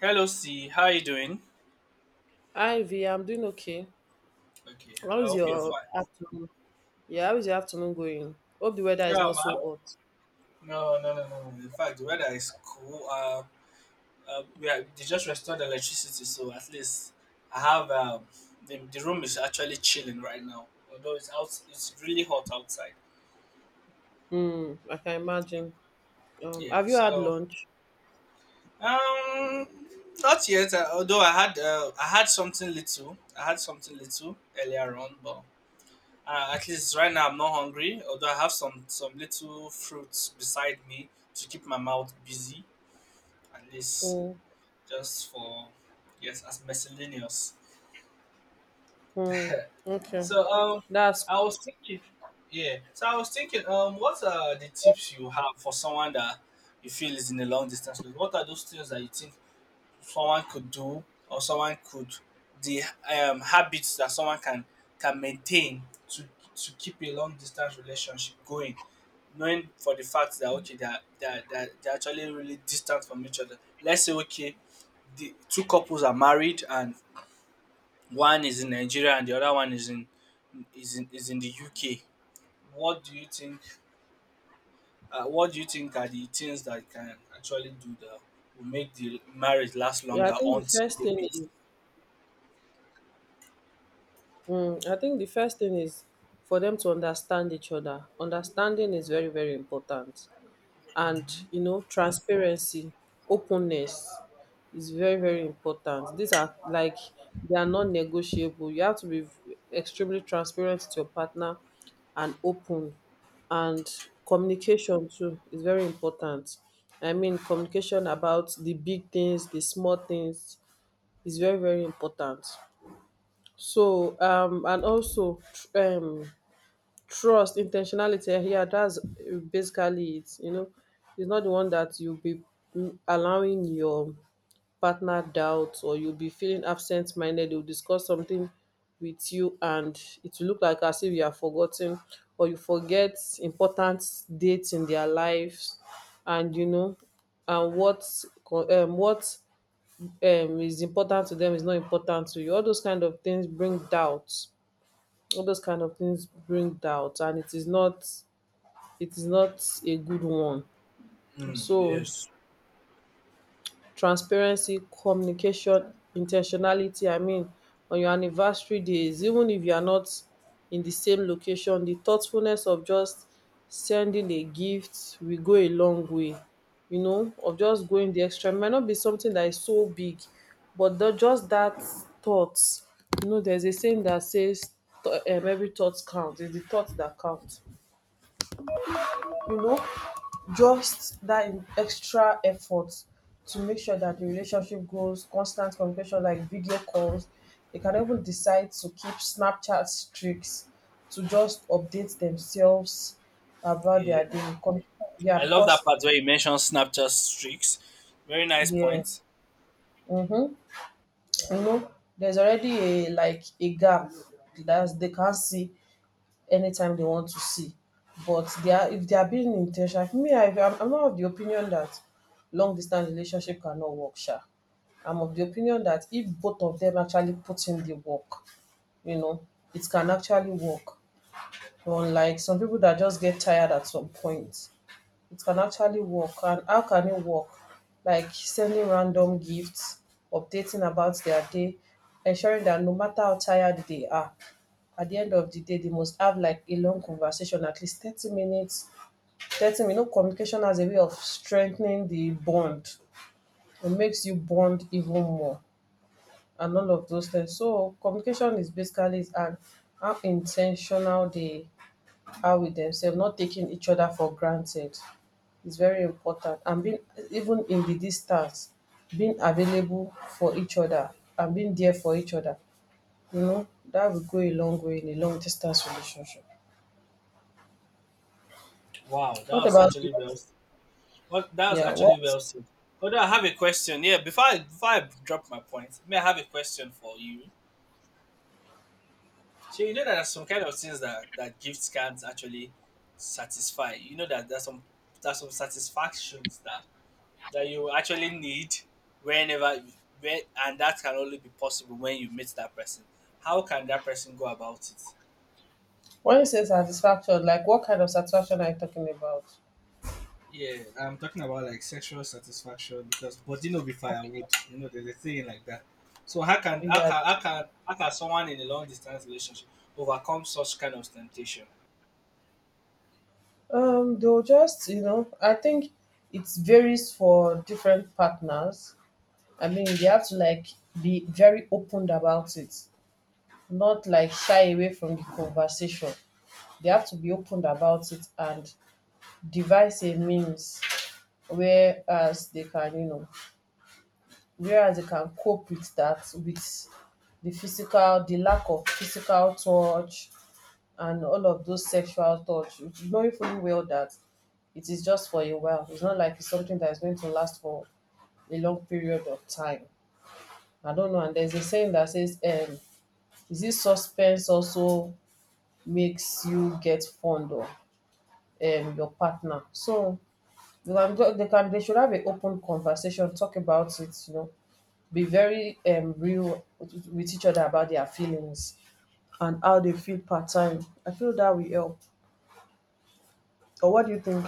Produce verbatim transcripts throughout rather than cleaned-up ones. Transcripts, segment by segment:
Hello, C. How you doing? Hi V, I'm doing okay. Okay, How I is hope you're your fine. afternoon? Yeah, how is your afternoon going? Hope the weather is Yeah, not so man. hot. No, no, no, no. no. In fact, the weather is cool. Uh, uh, we are, they just restored the electricity, so at least I have um, the, the room is actually chilling right now. Although it's out, it's really hot outside. Hmm, I can imagine. Um, Yeah. Have you had So lunch? um, Not yet. Uh, although I had uh, I had something little. I had something little earlier on, but uh, at least right now I'm not hungry, although I have some some little fruits beside me to keep my mouth busy, at least Hmm. just for yes, as miscellaneous. Hmm. Okay. So um, That's I was thinking, yeah. So I was thinking, um, what are the tips you have for someone that you feel is in a long distance relationship? What are those things that you think someone could do, or someone could, the um habits that someone can can maintain to to keep a long distance relationship going? Knowing for the fact that okay, they're they're, they're, they're actually really distant from each other. Let's say okay, the two couples are married and one is in Nigeria and the other one is in is in, is in the UK. What do you think? Uh, what do you think are the things that can actually do that will make the marriage last yeah, I longer think the until first they thing meet? is hmm, I think the first thing is for them to understand each other. Understanding is very, very important. And you know, transparency, openness is very, very important. These are like they are non-negotiable. You have to be extremely transparent to your partner and open. And communication too is very important. I mean, communication about the big things, the small things is very, very important. So um and also tr- um trust, intentionality, eh, yeah, that's uh, basically it. You know, it's not the one that you'll be mm, allowing your partner doubt, or you'll be feeling absent minded. They'll discuss something with you and it will look like as if you are forgotten, or you forget important dates in their lives. And you know, and what co- um, what um, is important to them is not important to you. All those kind of things bring doubts. All those kind of things bring doubt, and it is not, it is not a good one. Mm, So yes. transparency, communication, intentionality. I mean, on your anniversary days, even if you are not in the same location, the thoughtfulness of just sending a gift will go a long way. You know, of just going the extra. It might not be something that is so big, but the, just that thought. You know, there's a saying that says th- um, every thought counts. It's the thought that counts. You know, just that in- extra effort to make sure that the relationship grows, constant communication like video calls. They can even decide to keep Snapchat streaks to just update themselves about Yeah, their day. Com- yeah, I love that because part where you mentioned Snapchat streaks. Very nice yeah, point. mm-hmm, you know, there's already a like a gap that they can't see anytime they want to see. But they are if they are being intentional, like me, I, I'm, I'm not of the opinion that long distance relationship cannot work, sha. I'm of the opinion that if both of them actually put in the work, you know, it can actually work. Unlike some people that just get tired at some point, it can actually work. And how can it work? Like sending random gifts, updating about their day, ensuring that no matter how tired they are, at the end of the day, they must have like a long conversation, at least thirty minutes. thirty minutes. You know, communication as a way of strengthening the bond. It makes you bond even more and all of those things. So communication is basically is an how intentional they are with themselves, not taking each other for granted. It's very important. And being even in the distance, being available for each other and being there for each other. You know, that will go a long way in a long distance relationship. Wow, that What was about you? actually well. Well, that was Yeah, actually what well said. Although I have a question. Yeah, before I, before I drop my point, may I have a question for you? So you know that there's some kind of things that, that gifts can't actually satisfy. You know that there's some, there's some satisfactions that that you actually need whenever you, where, and that can only be possible when you meet that person. How can that person go about it? when you say satisfaction, like what kind of satisfaction are you talking about? Yeah, I'm talking about like sexual satisfaction because body no be Okay. firewood. You know, there's a thing like that. So how can how Yeah. can how can how can someone in a long distance relationship overcome such kind of temptation? Um, they'll just, you know, I think it varies for different partners. I mean, they have to like be very open about it, not like shy away from the conversation. They have to be open about it and devise a means whereas they can, you know, whereas they can cope with that, with the physical, the lack of physical touch and all of those sexual touch, knowing fully well that it is just for a while. It's not like it's something that is going to last for a long period of time. I don't know. And there's a saying that says, um is it suspense also makes you get fond of um your partner. So you can go, they can, they should have an open conversation, talk about it. You know, be very um real with with each other about their feelings and how they feel part time. I feel that will help. Or what do you think?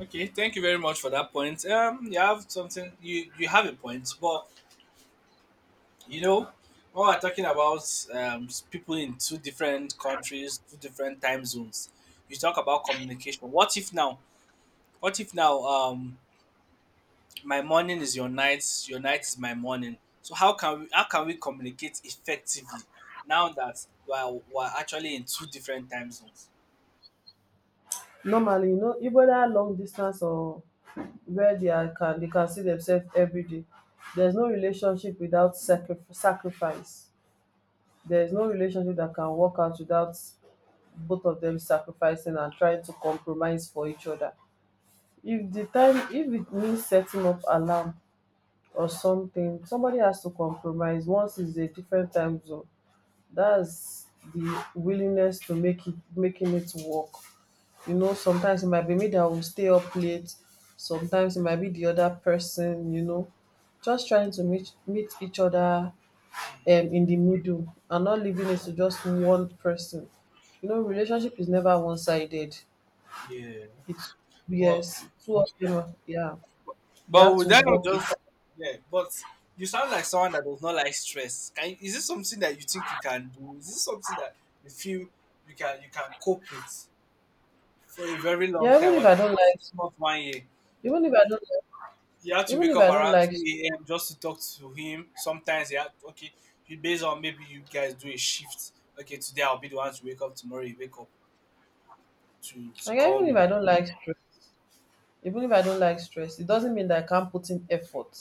Okay, thank you very much for that point. Um, you have something, you you have a point, but you know, when we're talking about um s- people in two different countries, two different time zones, you talk about communication. What if now? What if now? Um, my morning is your night, your night is my morning. So how can we how can we communicate effectively now that we're, we're actually in two different time zones? Normally, you know, even that long distance or where they are can they can see themselves every day. There's no relationship without sacri- sacrifice. There's no relationship that can work out without both of them sacrificing and trying to compromise for each other. If the time, if it means setting up alarm or something, somebody has to compromise. Once it's a different time zone, that's the willingness to make it, making it work. You know, sometimes it might be me that will stay up late, sometimes it might be the other person. You know, just trying to meet meet each other, um, in the middle and not leaving it to just one person. You know, relationship is never one-sided. Yeah, It's but yes, two of them, yeah. They but have would to that not work it. just, yeah? But you sound like someone that does not like stress. Can you- is this something that you think you can do? Is this something that you feel you can you can cope with for a very long Yeah, time? even We're if I talking don't about like six months, one year. even if I don't like You had to Even wake if up I don't around like, two a m just to talk to him. Sometimes you had, okay, you based on maybe you guys do a shift. Okay, today I'll be the one to wake up. Tomorrow you wake up to to like call even if me. I don't like stress, even if I don't like stress, it doesn't mean that I can't put in effort.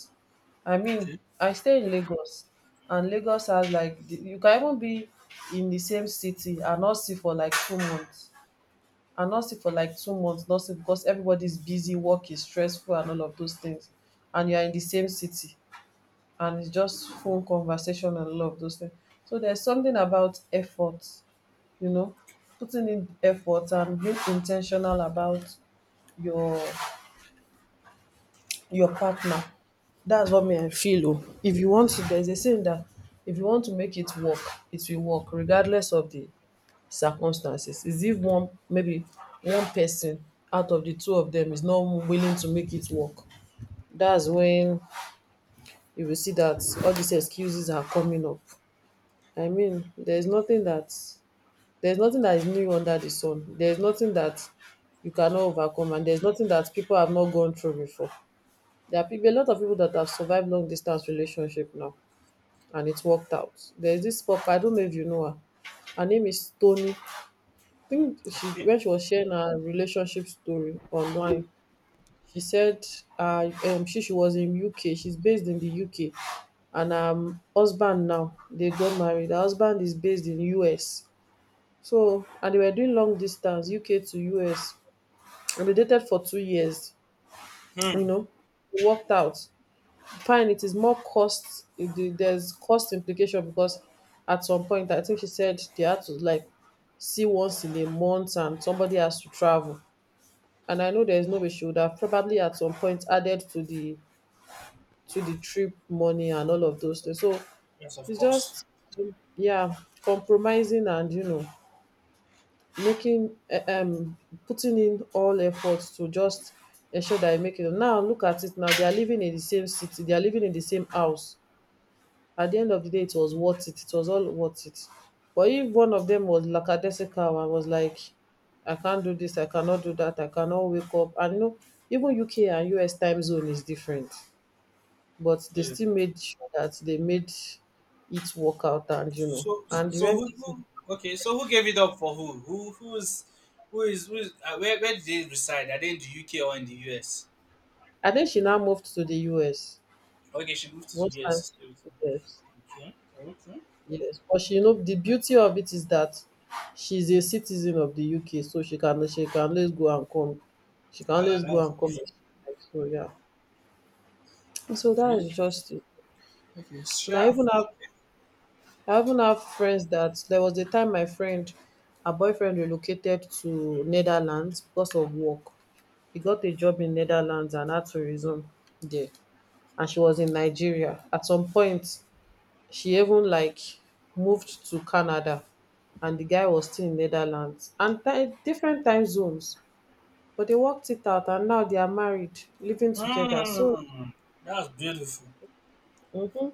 I Okay. mean, I stay in Lagos, and Lagos has like the- you can even be in the same city and not see for like two months, and not see for like two months, not see because everybody's busy, work is stressful, and all of those things, and you are in the same city, and it's just phone conversation and all of those things. So there's something about effort. You know, putting in effort and being intentional about your your partner. That's what me I Okay. feel oh. If you want to there's a saying that if you want to make it work, it will work regardless of the circumstances. Is if one, maybe one person out of the two of them is not willing to make it work, that's when you will see that all these excuses are coming up. I mean, there is nothing that. There's nothing that is new under the sun. There's nothing that you cannot overcome, and there's nothing that people have not gone through before. There are people, a lot of people that have survived long distance relationship now, and it's worked out. There's this pop. I don't know if you know her. Her name is Tony. I think she when she was sharing her relationship story online, she said uh, um, she she was in U K. She's based in the U K, and um husband now they got married. Her husband is based in U S, so and they were doing long distance U K to U S, and they dated for two years, you Hmm. know. It worked out. Fine, it is more cost the- there's cost implication because at some point I think she said they had to like see once in a month and somebody has to travel. And I know there's no way she would have probably at some point added to the to the trip money and all of those things. So Yes, of it's course. just yeah, compromising and you know, making eh, um putting in all efforts to just ensure that I make it. Now look at it now, they are living in the same city, they are living in the same house. At the end of the day, it was worth it. It was all worth it. But if one of them was lackadaisical and was like, I can't do this, I cannot do that, I cannot wake up. And you know, even U K and U S time zone is different. But they Yeah. still made sure that they made it work out, and you know. So And the so rent, who, who okay, so who gave it up for who? Who who's who is who is uh, where where did they reside? Are they in the U K or in the U S? I think she now moved to the U S. Okay, she moved to the Most times, U S. yes, Okay. Okay. yes, but she, you know, the beauty of it is that she's a citizen of the U K, so she can, she can always go and come, she can Uh, always go that's and come as she like, so yeah, so okay. that's just it. Okay. And I Chef. even have, I even have friends that there was a time my friend, her boyfriend relocated to Netherlands because of work. He got a job in Netherlands and had to resume there, and she was in Nigeria at some point. She even like moved to Canada, and the guy was still in Netherlands and ti- different time zones. But they worked it out and now they are married, living together. So Mm, that's beautiful. mhm,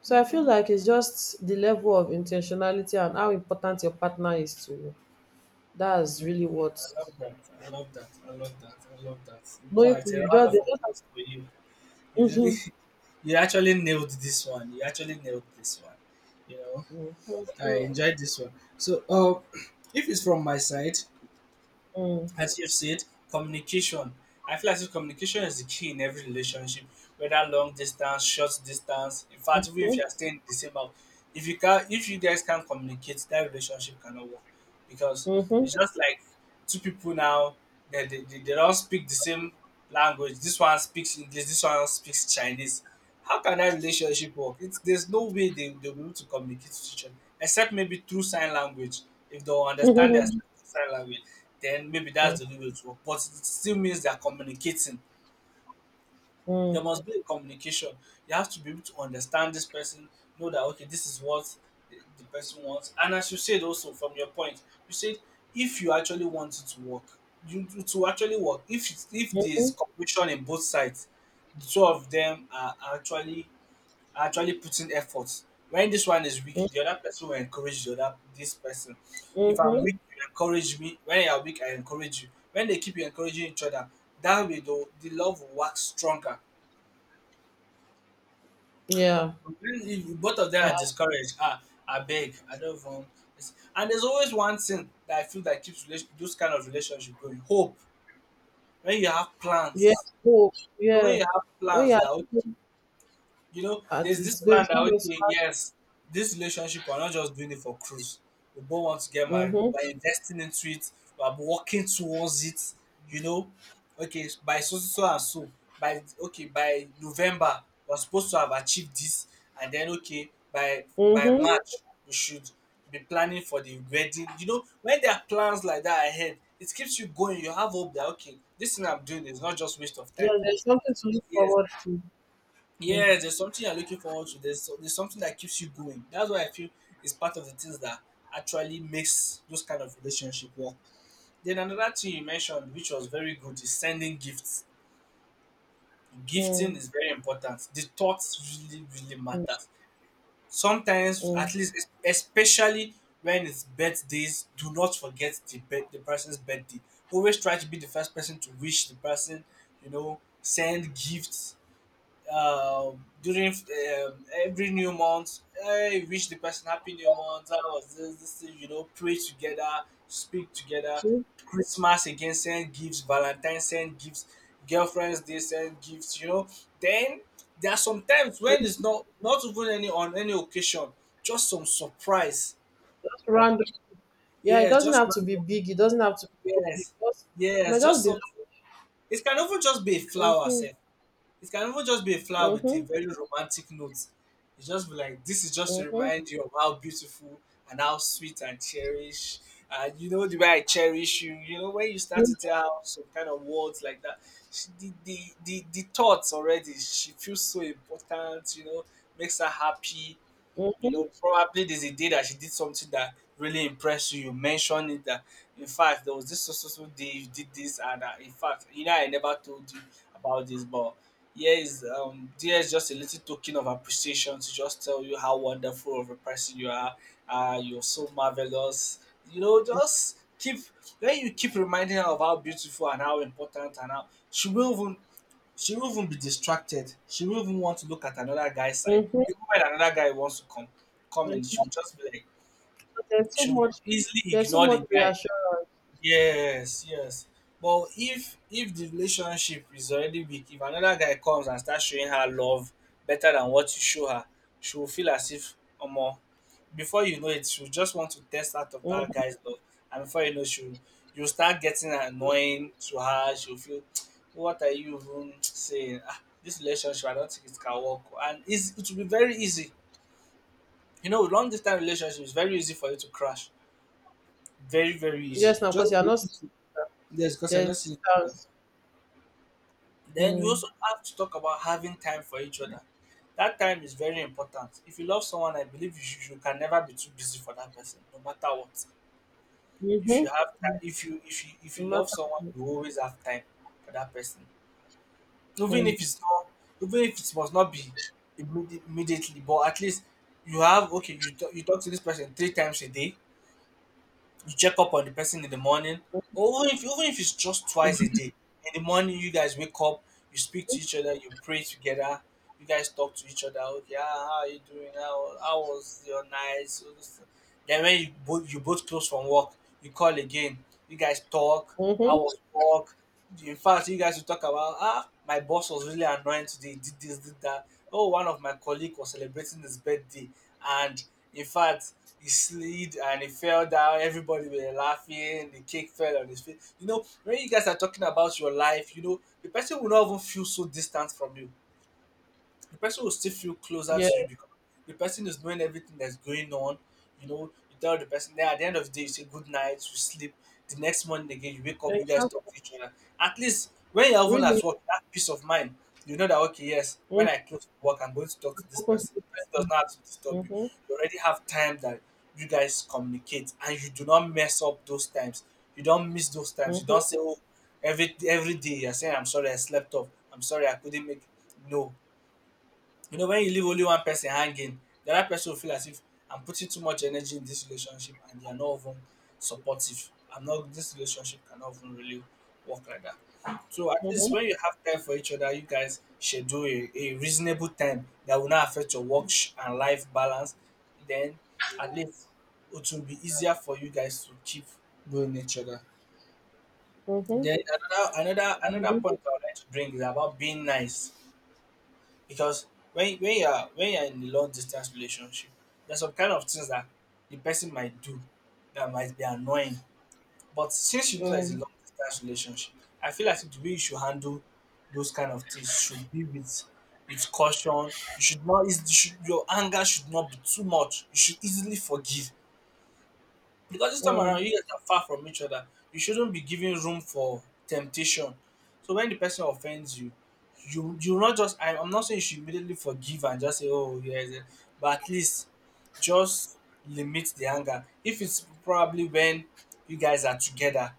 so I feel like it's just the level of intentionality and how important your partner is to you. That's Mm, really what I love that. I love that. I love that. I love that. In knowing fact, food a you round just of they just applause for you. You really, mhm. you actually nailed this one. You actually nailed this one. You know, Mhm. I enjoyed this one. So, uh, if it's from my side, Mhm. as you've said, communication. I feel like if communication is the key in every relationship, whether long distance, short distance. In fact, even if you are staying in the same house, if you can, if you guys can't communicate, that relationship cannot work because Mhm. it's just like two people now, they, they, they, they don't speak the same language. This one speaks English, this one speaks Chinese. How can that relationship work? It's, there's no way they, they'll be able to communicate with each other except maybe through sign language. If they'll understand their Mhm. sign language, then maybe that's the only way to work, but it still means they're communicating. There Mhm. must be a communication. You have to be able to understand this person, know that okay, this is what the the person wants. And as you said also from your point, you said if you actually want it to work, you to to actually work, if it's- if there's Mhm. cooperation in both sides, the two of them are actually are actually putting efforts. When this one is weak, Mhm. the other person will encourage the other this person. If I'm Mhm. weak, you encourage me. When you are weak, I encourage you. When they keep encouraging each other, that way though the love will work stronger. Yeah. If if both of them are discouraged, ah, I beg, I don't even want this. And there's always one thing that I feel that keeps relation, those kind of relationship going. Hope. When you have Yes, plans, oh, you know, when yeah. you have When you plans are that okay, looking you know, at there's this it's going, plan it's that not going to okay, happen. yes, this relationship we're not just doing it for cruise. We both want to get married. Mm-hmm. We're investing into it. We're working towards it. You know, okay, by so so so and so, by okay, by November we're supposed to have achieved this, and then okay, by by Mm-hmm. March we should be planning for the wedding. You know, when there are plans like that ahead, it keeps you going. You have hope that okay, this thing I'm doing is not just waste of Yeah, time. there's something to look Yes, forward to. yes, there's something you're looking forward to. There's, so, there's something that keeps you going. That's why I feel is part of the things that actually makes those kind of relationship work. Then another thing you mentioned, which was very good, is sending gifts. Gifting Mm-hmm. is very important. The thoughts really, really matters. Sometimes, Mm-hmm. at least, es- especially when it's birthdays, do not forget the birth- the person's birthday. Always try to be the first person to wish the person. You know, send gifts uh, during um, every new month, I wish the person happy new month. I was this, this thing, you know, pray together, speak together. Christmas again, send gifts, Valentine's send gifts, girlfriends they send gifts, you know. Then there are some times when Just it's not not even any on any occasion, just some surprise. random. Yeah, it Yes, doesn't just have to be random. big. It doesn't have to be so big. Yes, Just, it yes, might just just be. Like, something. It can even just be a flower, mm-hmm. sef. It can even just be a flower with a Mm-hmm. very romantic note. It just be like this is just to Mm-hmm. remind you of how beautiful and how sweet and cherish and you know the way I cherish you. You know, when you start to tell her some kind of words like that, she, the, the the the thoughts already. She feels so important. You know, makes her happy. You Mm-hmm. know, probably there's a day that she did something that really impressed you. You mentioned it that, in fact, there was this so so so day you did this, and uh, in fact, you know, I never told you about this, but here is um, there is just a little token of appreciation to just tell you how wonderful of a person you are. Uh, you're so marvelous. You know, just keep when you keep reminding her of how beautiful and how important and how she will even she will even be distracted. She will even want to look at another guy's side. Mm-hmm. Even when another guy wants to come come in, she'll just be like But there's so she'll much. easily There's so ignore the much guy. reassurance. Yes, yes. But if if the relationship is already weak, if another guy comes and starts showing her love better than what you show her, she will feel as if more. Before you know it, she'll just want to test out of that Mm-hmm. guy's love. And before you know, she'll you'll start getting annoying to her. She'll feel, what are you even saying? Ah, this relationship, I don't think it can work. And it's, it will be very easy. You know, long distance relationship is very easy for you to crash. Very, very easy. Yes, now Just because you are not. little. Yes, because you're There's not seeing each other. distance. Then you Mm-hmm. also have to talk about having time for each other. That time is very important. If you love someone, I believe you, should, you can never be too busy for that person, no matter what. If you No have time, if you if you if you love someone, matter. you always have time for that person, even if it's not, even if it must not be immedi- immediately, but at least you have okay. You talk, you talk to this person three times a day, you check up on the person in the morning, Mm-hmm. or even if, even if it's just twice a day. In the morning you guys wake up, you speak to each other, you pray together, you guys talk to each other. Okay, ah, how are you doing, how, how was your night? All those things. Then when you both you both close from work, you call again, you guys talk. How Mm-hmm. was work? In fact, you guys will talk about, ah, my boss was really annoying today, he did this, did that. Oh, one of my colleague was celebrating his birthday, and in fact he slid and he fell down. Everybody were laughing. The cake fell on his face. You know, when you guys are talking about your life, you know, the person will not even feel so distant from you. The person will still feel closer Yeah. to you, because the person is knowing everything that's going on. You know, you tell the person. Then at the end of the day, you say good night, you sleep. The next morning again, you wake up, They you guys have talk to each other. At least when you're even at really work, that peace of mind, you know that okay, yes, when mm, I close work, I'm going to talk I've to this spoken to person. this The person does person. not have to disturb you. Mm-hmm. You already have time that you guys communicate, and you do not mess up those times. You don't miss those times. You don't Mm-hmm. say, oh, every every day you're saying, I'm sorry, I slept off. I'm sorry, I couldn't make it. No, you know, when you leave only one person hanging, the other person will feel as if I'm putting too much energy in this relationship and they are not even supportive. I'm not, this relationship cannot even really work like that. So at least Mm-hmm. when you have time for each other, you guys should do a, a reasonable time that will not affect your work sh- and life balance. Then at least it will be easier for you guys to keep going each other. Mm-hmm. Then another another I another agree point with I would like to bring is about being nice, because when when you are when you are in a long distance relationship, there's some kind of things that the person might do that might be annoying. But since you know there's a mm, long distance relationship, I feel like the way you should handle those kind of things should be with with caution. You should not eas- you should, your anger should not be too much. You should easily forgive. Because this time mm, around, you guys are far from each other. You shouldn't be giving room for temptation. So when the person offends you, you you not just I, I'm not saying you should immediately forgive and just say, oh yes, eh, but at least just limit the anger. If it's probably when you guys are together,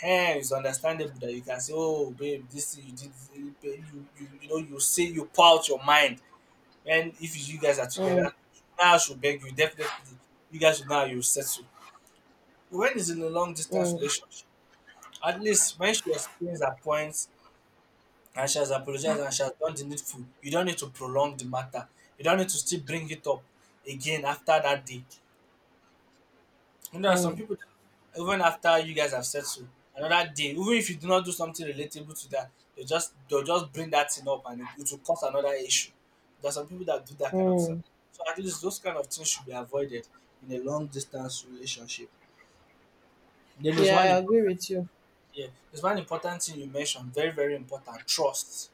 eh, it's understandable that you can say, oh babe, this thing you did, eh, you you you know, you say, you pour out your mind. And if you guys are mm, together, now I should beg you definitely. You guys should now you settle. When is in a long distance mm, relationship, at least when she explains her points and she has apologized and she has done the needful, you don't need to prolong the matter. You don't need to still bring it up again after that day. You know, there are some mm, people that even after you guys have settled, another day, even if you do not do something relatable to that, they just they'll just bring that thing up and it, it will cause another issue. There are some people that do that kind of stuff. mm. So at least those kind of things should be avoided in a long distance relationship. Then there's Yeah, I one. agree with you. Yeah, there's one important thing you mentioned, very, very important. Trust.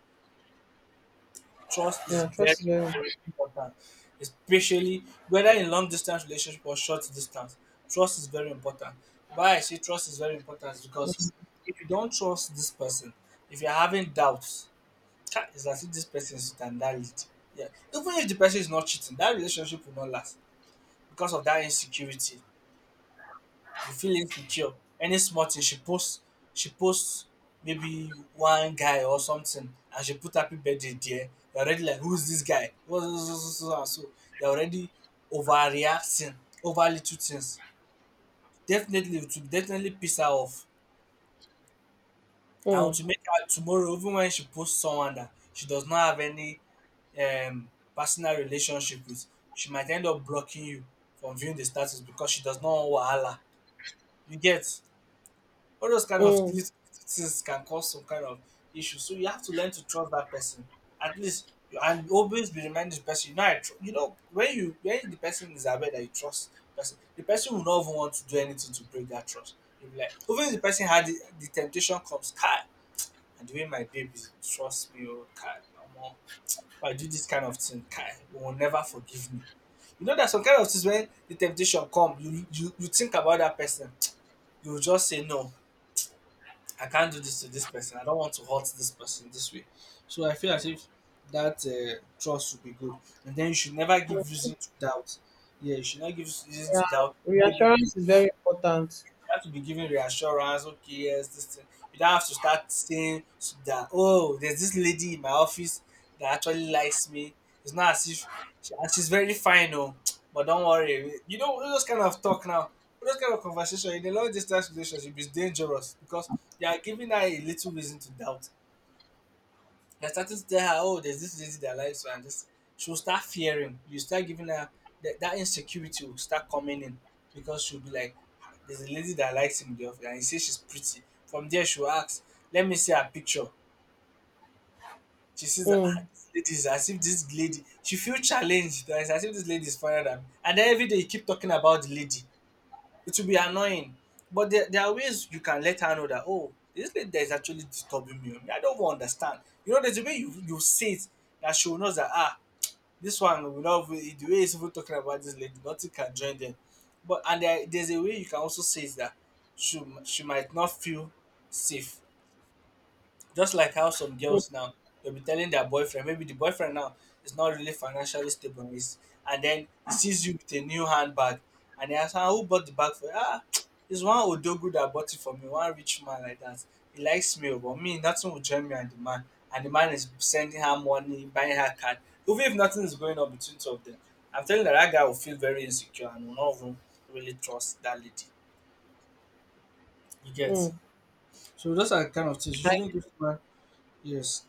Trust is Yeah, trust very, is very very important, especially whether in long distance relationship or short distance. Trust is very important. Why I say trust is very important is because important. if you don't trust this person, if you're having doubts, cha, it's as if this person is standard. Yeah, even if the person is not cheating, that relationship will not last because of that insecurity. You feel insecure. Any small thing she posts, she posts maybe one guy or something, and she put happy birthday there. You're already like, who's this guy? What's this- this- this- this- and so you're already overreacting over little things. Definitely, it will definitely piss her off. I want mm, to make her tomorrow, even when she posts someone that she does not have any um, personal relationship with, she might end up blocking you from viewing the status, because she does not want wahala. You get? All those kind of mm. little things can cause some kind of issue. So you have to learn to trust that person. At least you, and always be reminding the person, you know, I tr- you know, when you, when the person is aware that you trust the person, the person will not even want to do anything to break that trust. You'll be like, even if the person had the, the, temptation comes, Kai, and the way my baby trust me, or Kai, no more. If I do this kind of thing, Kai, you will never forgive me. You know that some kind of things, when the temptation come, you you, you think about that person, you will just say no, I can't do this to this person. I don't want to hurt this person this way. So I feel as if that uh, trust would be good. And then you should never give reason to doubt. Yeah, you should not give reason Yeah. to doubt. Maybe Reassurance is very important. you have to be giving reassurance. Okay, yes, this thing. You don't have to start saying s- that. Oh, there's this lady in my office that actually likes me. It's not as if she, and she's very fine, oh. But don't worry. You know all those kind of talk now. All Those kind of conversation in a long distance relationship is dangerous, because you are giving her a little reason to doubt. They're starting to tell her, oh, there's this lady that likes you, and this. She'll start fearing. You start giving her that, that insecurity will start coming in, because she'll be like, ah, there's a lady that likes him in the office, and he says she's pretty. From there, she'll ask, let me see her picture. She sees that, ah, Mm, this lady is as if this lady, she feels challenged. That It's as if this lady is funnier than me. And then every day you keep talking about the lady, it will be annoying. But there, there are ways you can let her know that, oh, this lady that is actually disturbing me, I don't even understand. You know, there's a way you, you say it, that she will know that, ah, this one will not, be- the way he's even talking about this lady, nothing can join them. But, and there, there's a way you can also say it that she, she might not feel safe. Just like how some girls now, they'll be telling their boyfriend, maybe the boyfriend now is not really financially stable, is, and then he sees you with a new handbag, and he asks, ah, who bought the bag for you? Ah, it's one Odogu that bought it for me, one rich man like that. He likes me, oh, but me, nothing will join me and the man. And the man is sending her money, buying her card. Even if nothing is going on between two of them, I'm telling you that that guy will feel very insecure and will not even really trust that lady. You get? mm. So those are the kind of things you Like, shouldn't give man. Yes.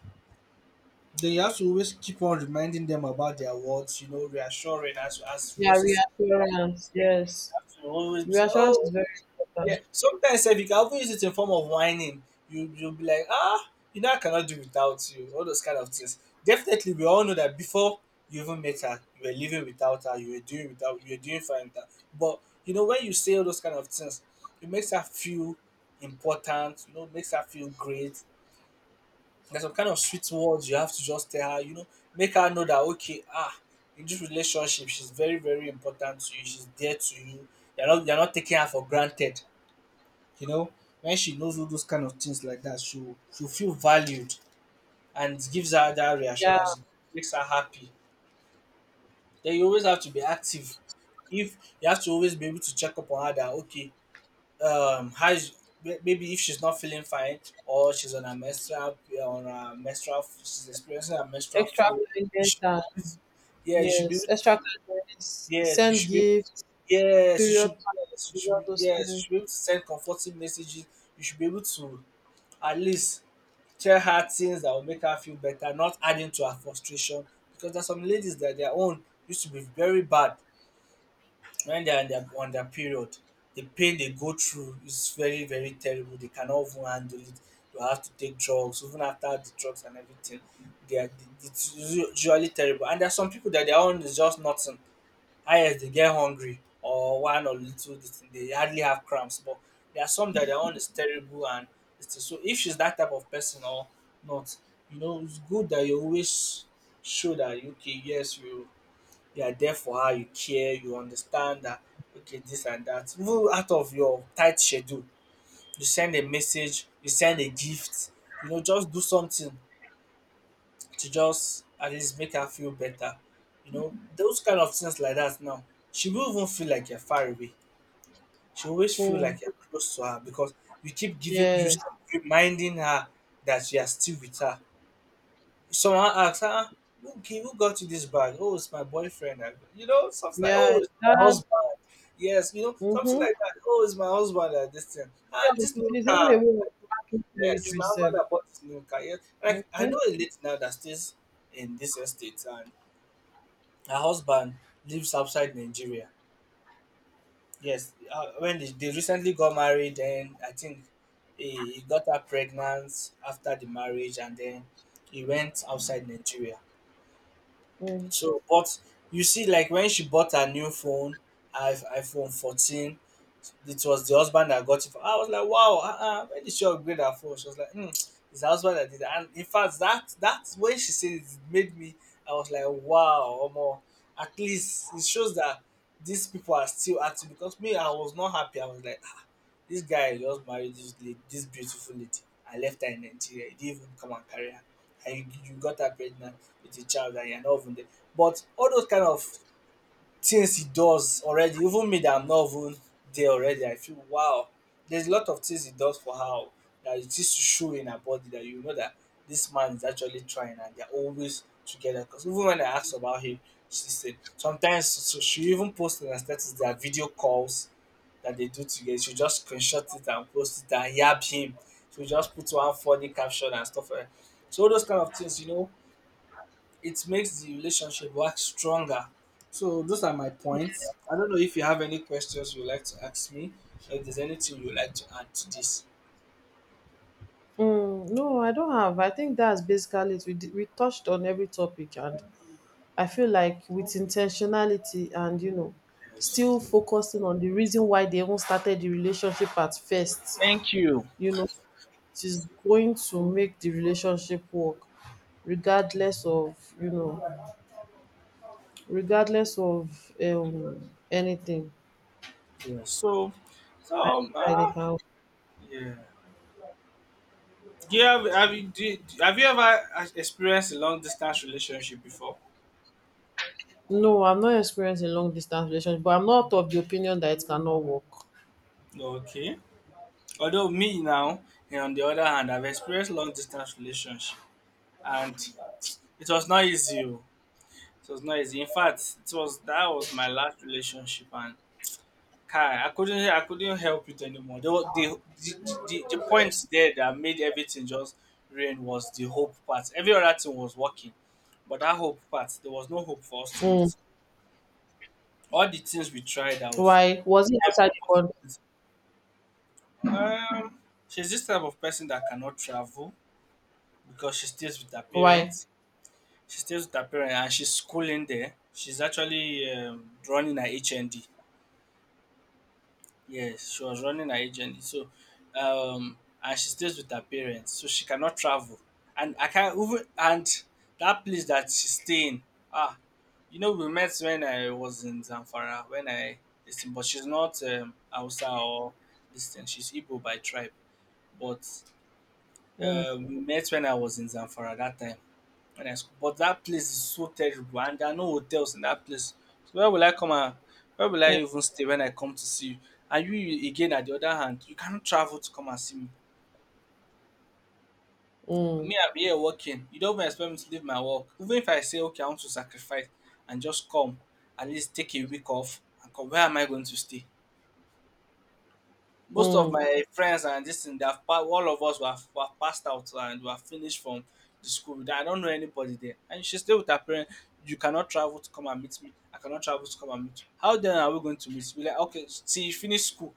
Then you have to always keep on reminding them about their words, you know, reassuring, as as we yeah, also see, reassurance, yes. as we always be, say, Reassurance is oh very yeah. important. Sometimes if you can even use it in form of whining, you you'll be like, ah, you know I cannot do without you, all those kind of things. Definitely we all know that before you even met her, you were living without her, you were doing without you were doing fine without. But you know, when you say all those kind of things, it makes her feel important, you know, makes her feel great. There's some kind of sweet words you have to just tell her, you know, make her know that okay, ah, in this relationship, she's very, very important to you. She's dear to you. You're not, you're not taking her for granted. You know, when she knows all those kind of things like that, she'll she'll feel valued and gives her that Yeah. reassurance, makes her happy. Then you always have to be active. If you have to always be able to check up on her that okay, um how is may- maybe if she's not feeling fine or she's on a menstrual on a menstrual she's experiencing a menstrual Extra flow. You kindness should, and yeah, you should be able yes. to, Extra kindness. yes you Send should be, gifts. yes you Period should, yes you pieces, should all be, those yes you things. should be able to send comforting messages. You should be able to at least tell her things that will make her feel better, not adding to her frustration, because there's some ladies that their own used to be very bad when they are on their on their period. The pain they go through is very very terrible. They cannot even handle it. They have to take drugs, even after the drugs and everything. They are It's usually terrible. And there are some people that their own is just nothing. Highest they get hungry or one or little this thing, they hardly have cramps. But there are some that their own is terrible and it's so. If she's that type of person or not, you know, it's good that you always show that okay, yes, you you are there for her, you care, you understand that okay, this and that. Even out of your tight schedule, you send a message, you send a gift, you know, just do something to just at least make her feel better. You know, those kind of things like that now. She will even feel like you're far away. She always feel Mm. like you're close to her because you keep giving you Yes. keep reminding her that you are still with her. Someone asks, ah, who, gi- who got you this bag? Oh, it's my boyfriend. I- You know, something like, oh, Yeah, it's my that husband. Yes, you know, something mm-hmm, like that. Oh, it's my husband at this time. And this new it's even a way of car. marking Yes, it's territory my sef. husband that bought this new car. Yes. Like, I Mm-hmm. know a lady now that stays in this estate and her husband lives outside Nigeria. Yes, uh, when they, they recently got married, then I think he, he got her pregnant after the marriage and then he went outside Nigeria. Mm. So, but you see, like when she bought her new phone, I iPhone fourteen, it was the husband that got it. For, I was like, wow, uh-uh, when did she upgrade her phone? She was like, mm, it's the husband that did it. And in fact, that that's when she said it, it made me, I was like, wow, more. At least it shows that these people are still active, because me, I was not happy. I was like, this guy just married this lady, dis beautiful lady, and left her in Nigeria. He didn't even come and carry her. And you, you got her pregnant with a child and you're not even there. But all those kind of things he does already, even me that I'm not even there already, I feel wow. There's a lot of things he does for her that it is to show in her body that you know that this man is actually trying and they're always together. Because even when I asked about him, she said sometimes so she even posted on her status their video calls that they do together. She'll just screenshot it and post it and yab him. She just put one funny caption and stuff like that. So all those kind of things, you know, it makes the relationship work stronger. So those are my points. I don't know if you have any questions you'd like to ask me, or if there's anything you'd like to add to this. Mm, no, I don't have. I think that's basically it. We, di- we touched on every topic, and I feel like with intentionality and you know, Yes. still focusing on the reason why they even started the relationship at first, Thank you. you know, it is going to make the relationship work, regardless of you know, regardless of um anything. Yeah. So, I so know that they uh, can yeah. Do you have have you do, you- have you ever experienced a long distance relationship before? no, I'm not experienced in long distance relationship, but I'm not of the opinion that it cannot work. Okay. Although me now, and on the other hand, I've experienced long distance relationship, and it was not easy. Oh. It was not easy. In fact, it was that was my last relationship, and Kai, I couldn't, I couldn't help it anymore. There was The the the, the, the points there that made everything just rain was the hope part. Every other thing was working, but that hope part, there was no hope for us to Mm. meet. All the things we tried out, Why was it every outside the country? possibility. Um, she's this type of person that cannot travel because she stays with her Why parents. She stays with her parents and she's schooling there. She's actually um, running her H N D. Yes, she was running her H N D. So, um, and she stays with her parents, so she cannot travel. And I can't even, and that place that she's staying. Ah, you know, we met when I was in Zamfara. When I listen, but she's not um, Hausa or this thing. She's Igbo by tribe, but. mm, Uh, we met when I was in Zamfara that time. When I sc- but that place is so terrible and there are no hotels in that place. So where will I come and where will I mm, even stay when I come to see you? And you again at the other hand, you cannot travel to come and see me. mm, Me, I'm here working. You don't even expect me to leave my work. Even if I say okay, I want to sacrifice and just come, at least take a week off and come. Where am I going to stay? Most of mm, my friends and this thing, they've pa- all of us were, were passed out and were finished from the school. I don't know anybody there. And she stay with her parents. You cannot travel to come and meet me. I cannot travel to come and meet you. How then are we going to meet? Be like, okay, see, you finish school.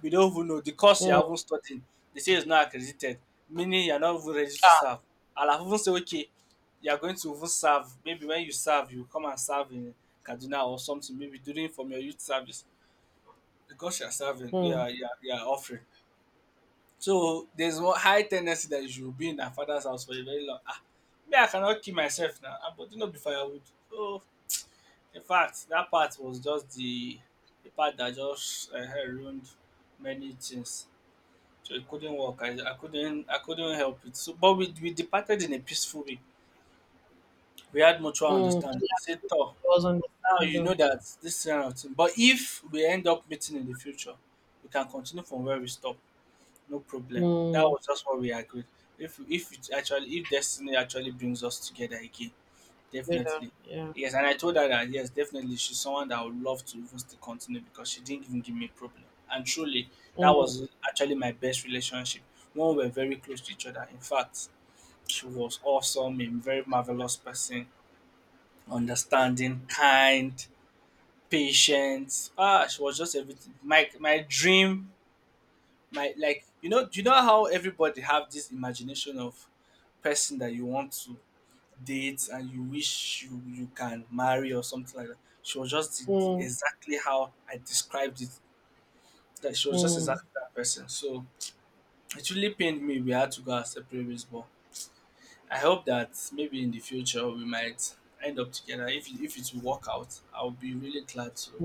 We don't even know the course you mm, haven't studied. They say it's not accredited, meaning you're not even ready to serve. I'll have even say, okay, you're going to even serve. Maybe when you serve, you come and serve in Kaduna or something, maybe during from your youth service. Because you're serving, mm, yeah, yeah, yeah, offering. So there's one high tendency that you should be in her father's house for a very long. Ah, me I cannot kill myself now I'm putting up the firewood. So in fact, that part was just the the part that just um ruined many things. So it couldn't work. I I couldn't, I couldn't help it. So, but we we departed in a peaceful way. We had mutual mm. understanding. I Yeah, said, tor, it was now you know understanding that this kind of thing, but if we end up meeting in the future we can continue from where we stop. No problem. That mm, was just what we agreed. If if it actually, if destiny actually brings us together again, later definitely. yeah Yes, and I told her that yes, definitely she's someone that I would love to even still continue because she didn't even give me a problem. And truly, that mm, was actually my best relationship. One we were very close to each other. In fact, she was awesome, a very marvelous person, understanding, kind, patient. Ah, she was just everything. My my dream, my, like, you know, do you know how everybody have this imagination of person that you want to date and you wish you you can marry or something like that. She was just the- the- mm, exactly how I described it, that she was just mm, exactly that person. So it really pained me we had to go our separate ways, but I hope that maybe in the future we might end up together. If, it- if it will work out I'll be really glad to.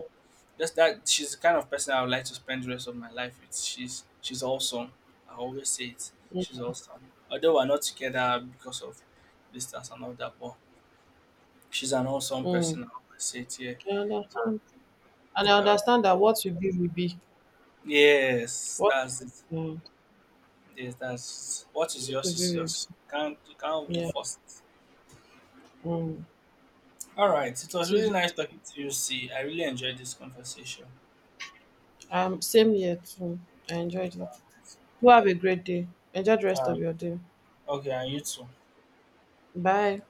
Just that she's the kind of person I would like to spend the rest of my life with. She's she's awesome. I always say it. She's awesome. Although we're not together because of distance and all that, but she's an awesome mm. person. I always say it here. I So, understand, and I uh, understand that what will be will be yes, what that's it. mm, Yes, that's it. What is what will yours be is will yours. be Can't You can't even yeah force it. mm. All right. It was It really is nice talking to you. See, I really enjoyed this conversation. Um, same here too. I enjoyed it. Do have a great day. Enjoy the All rest of right. your day. Okay, and you too. Bye.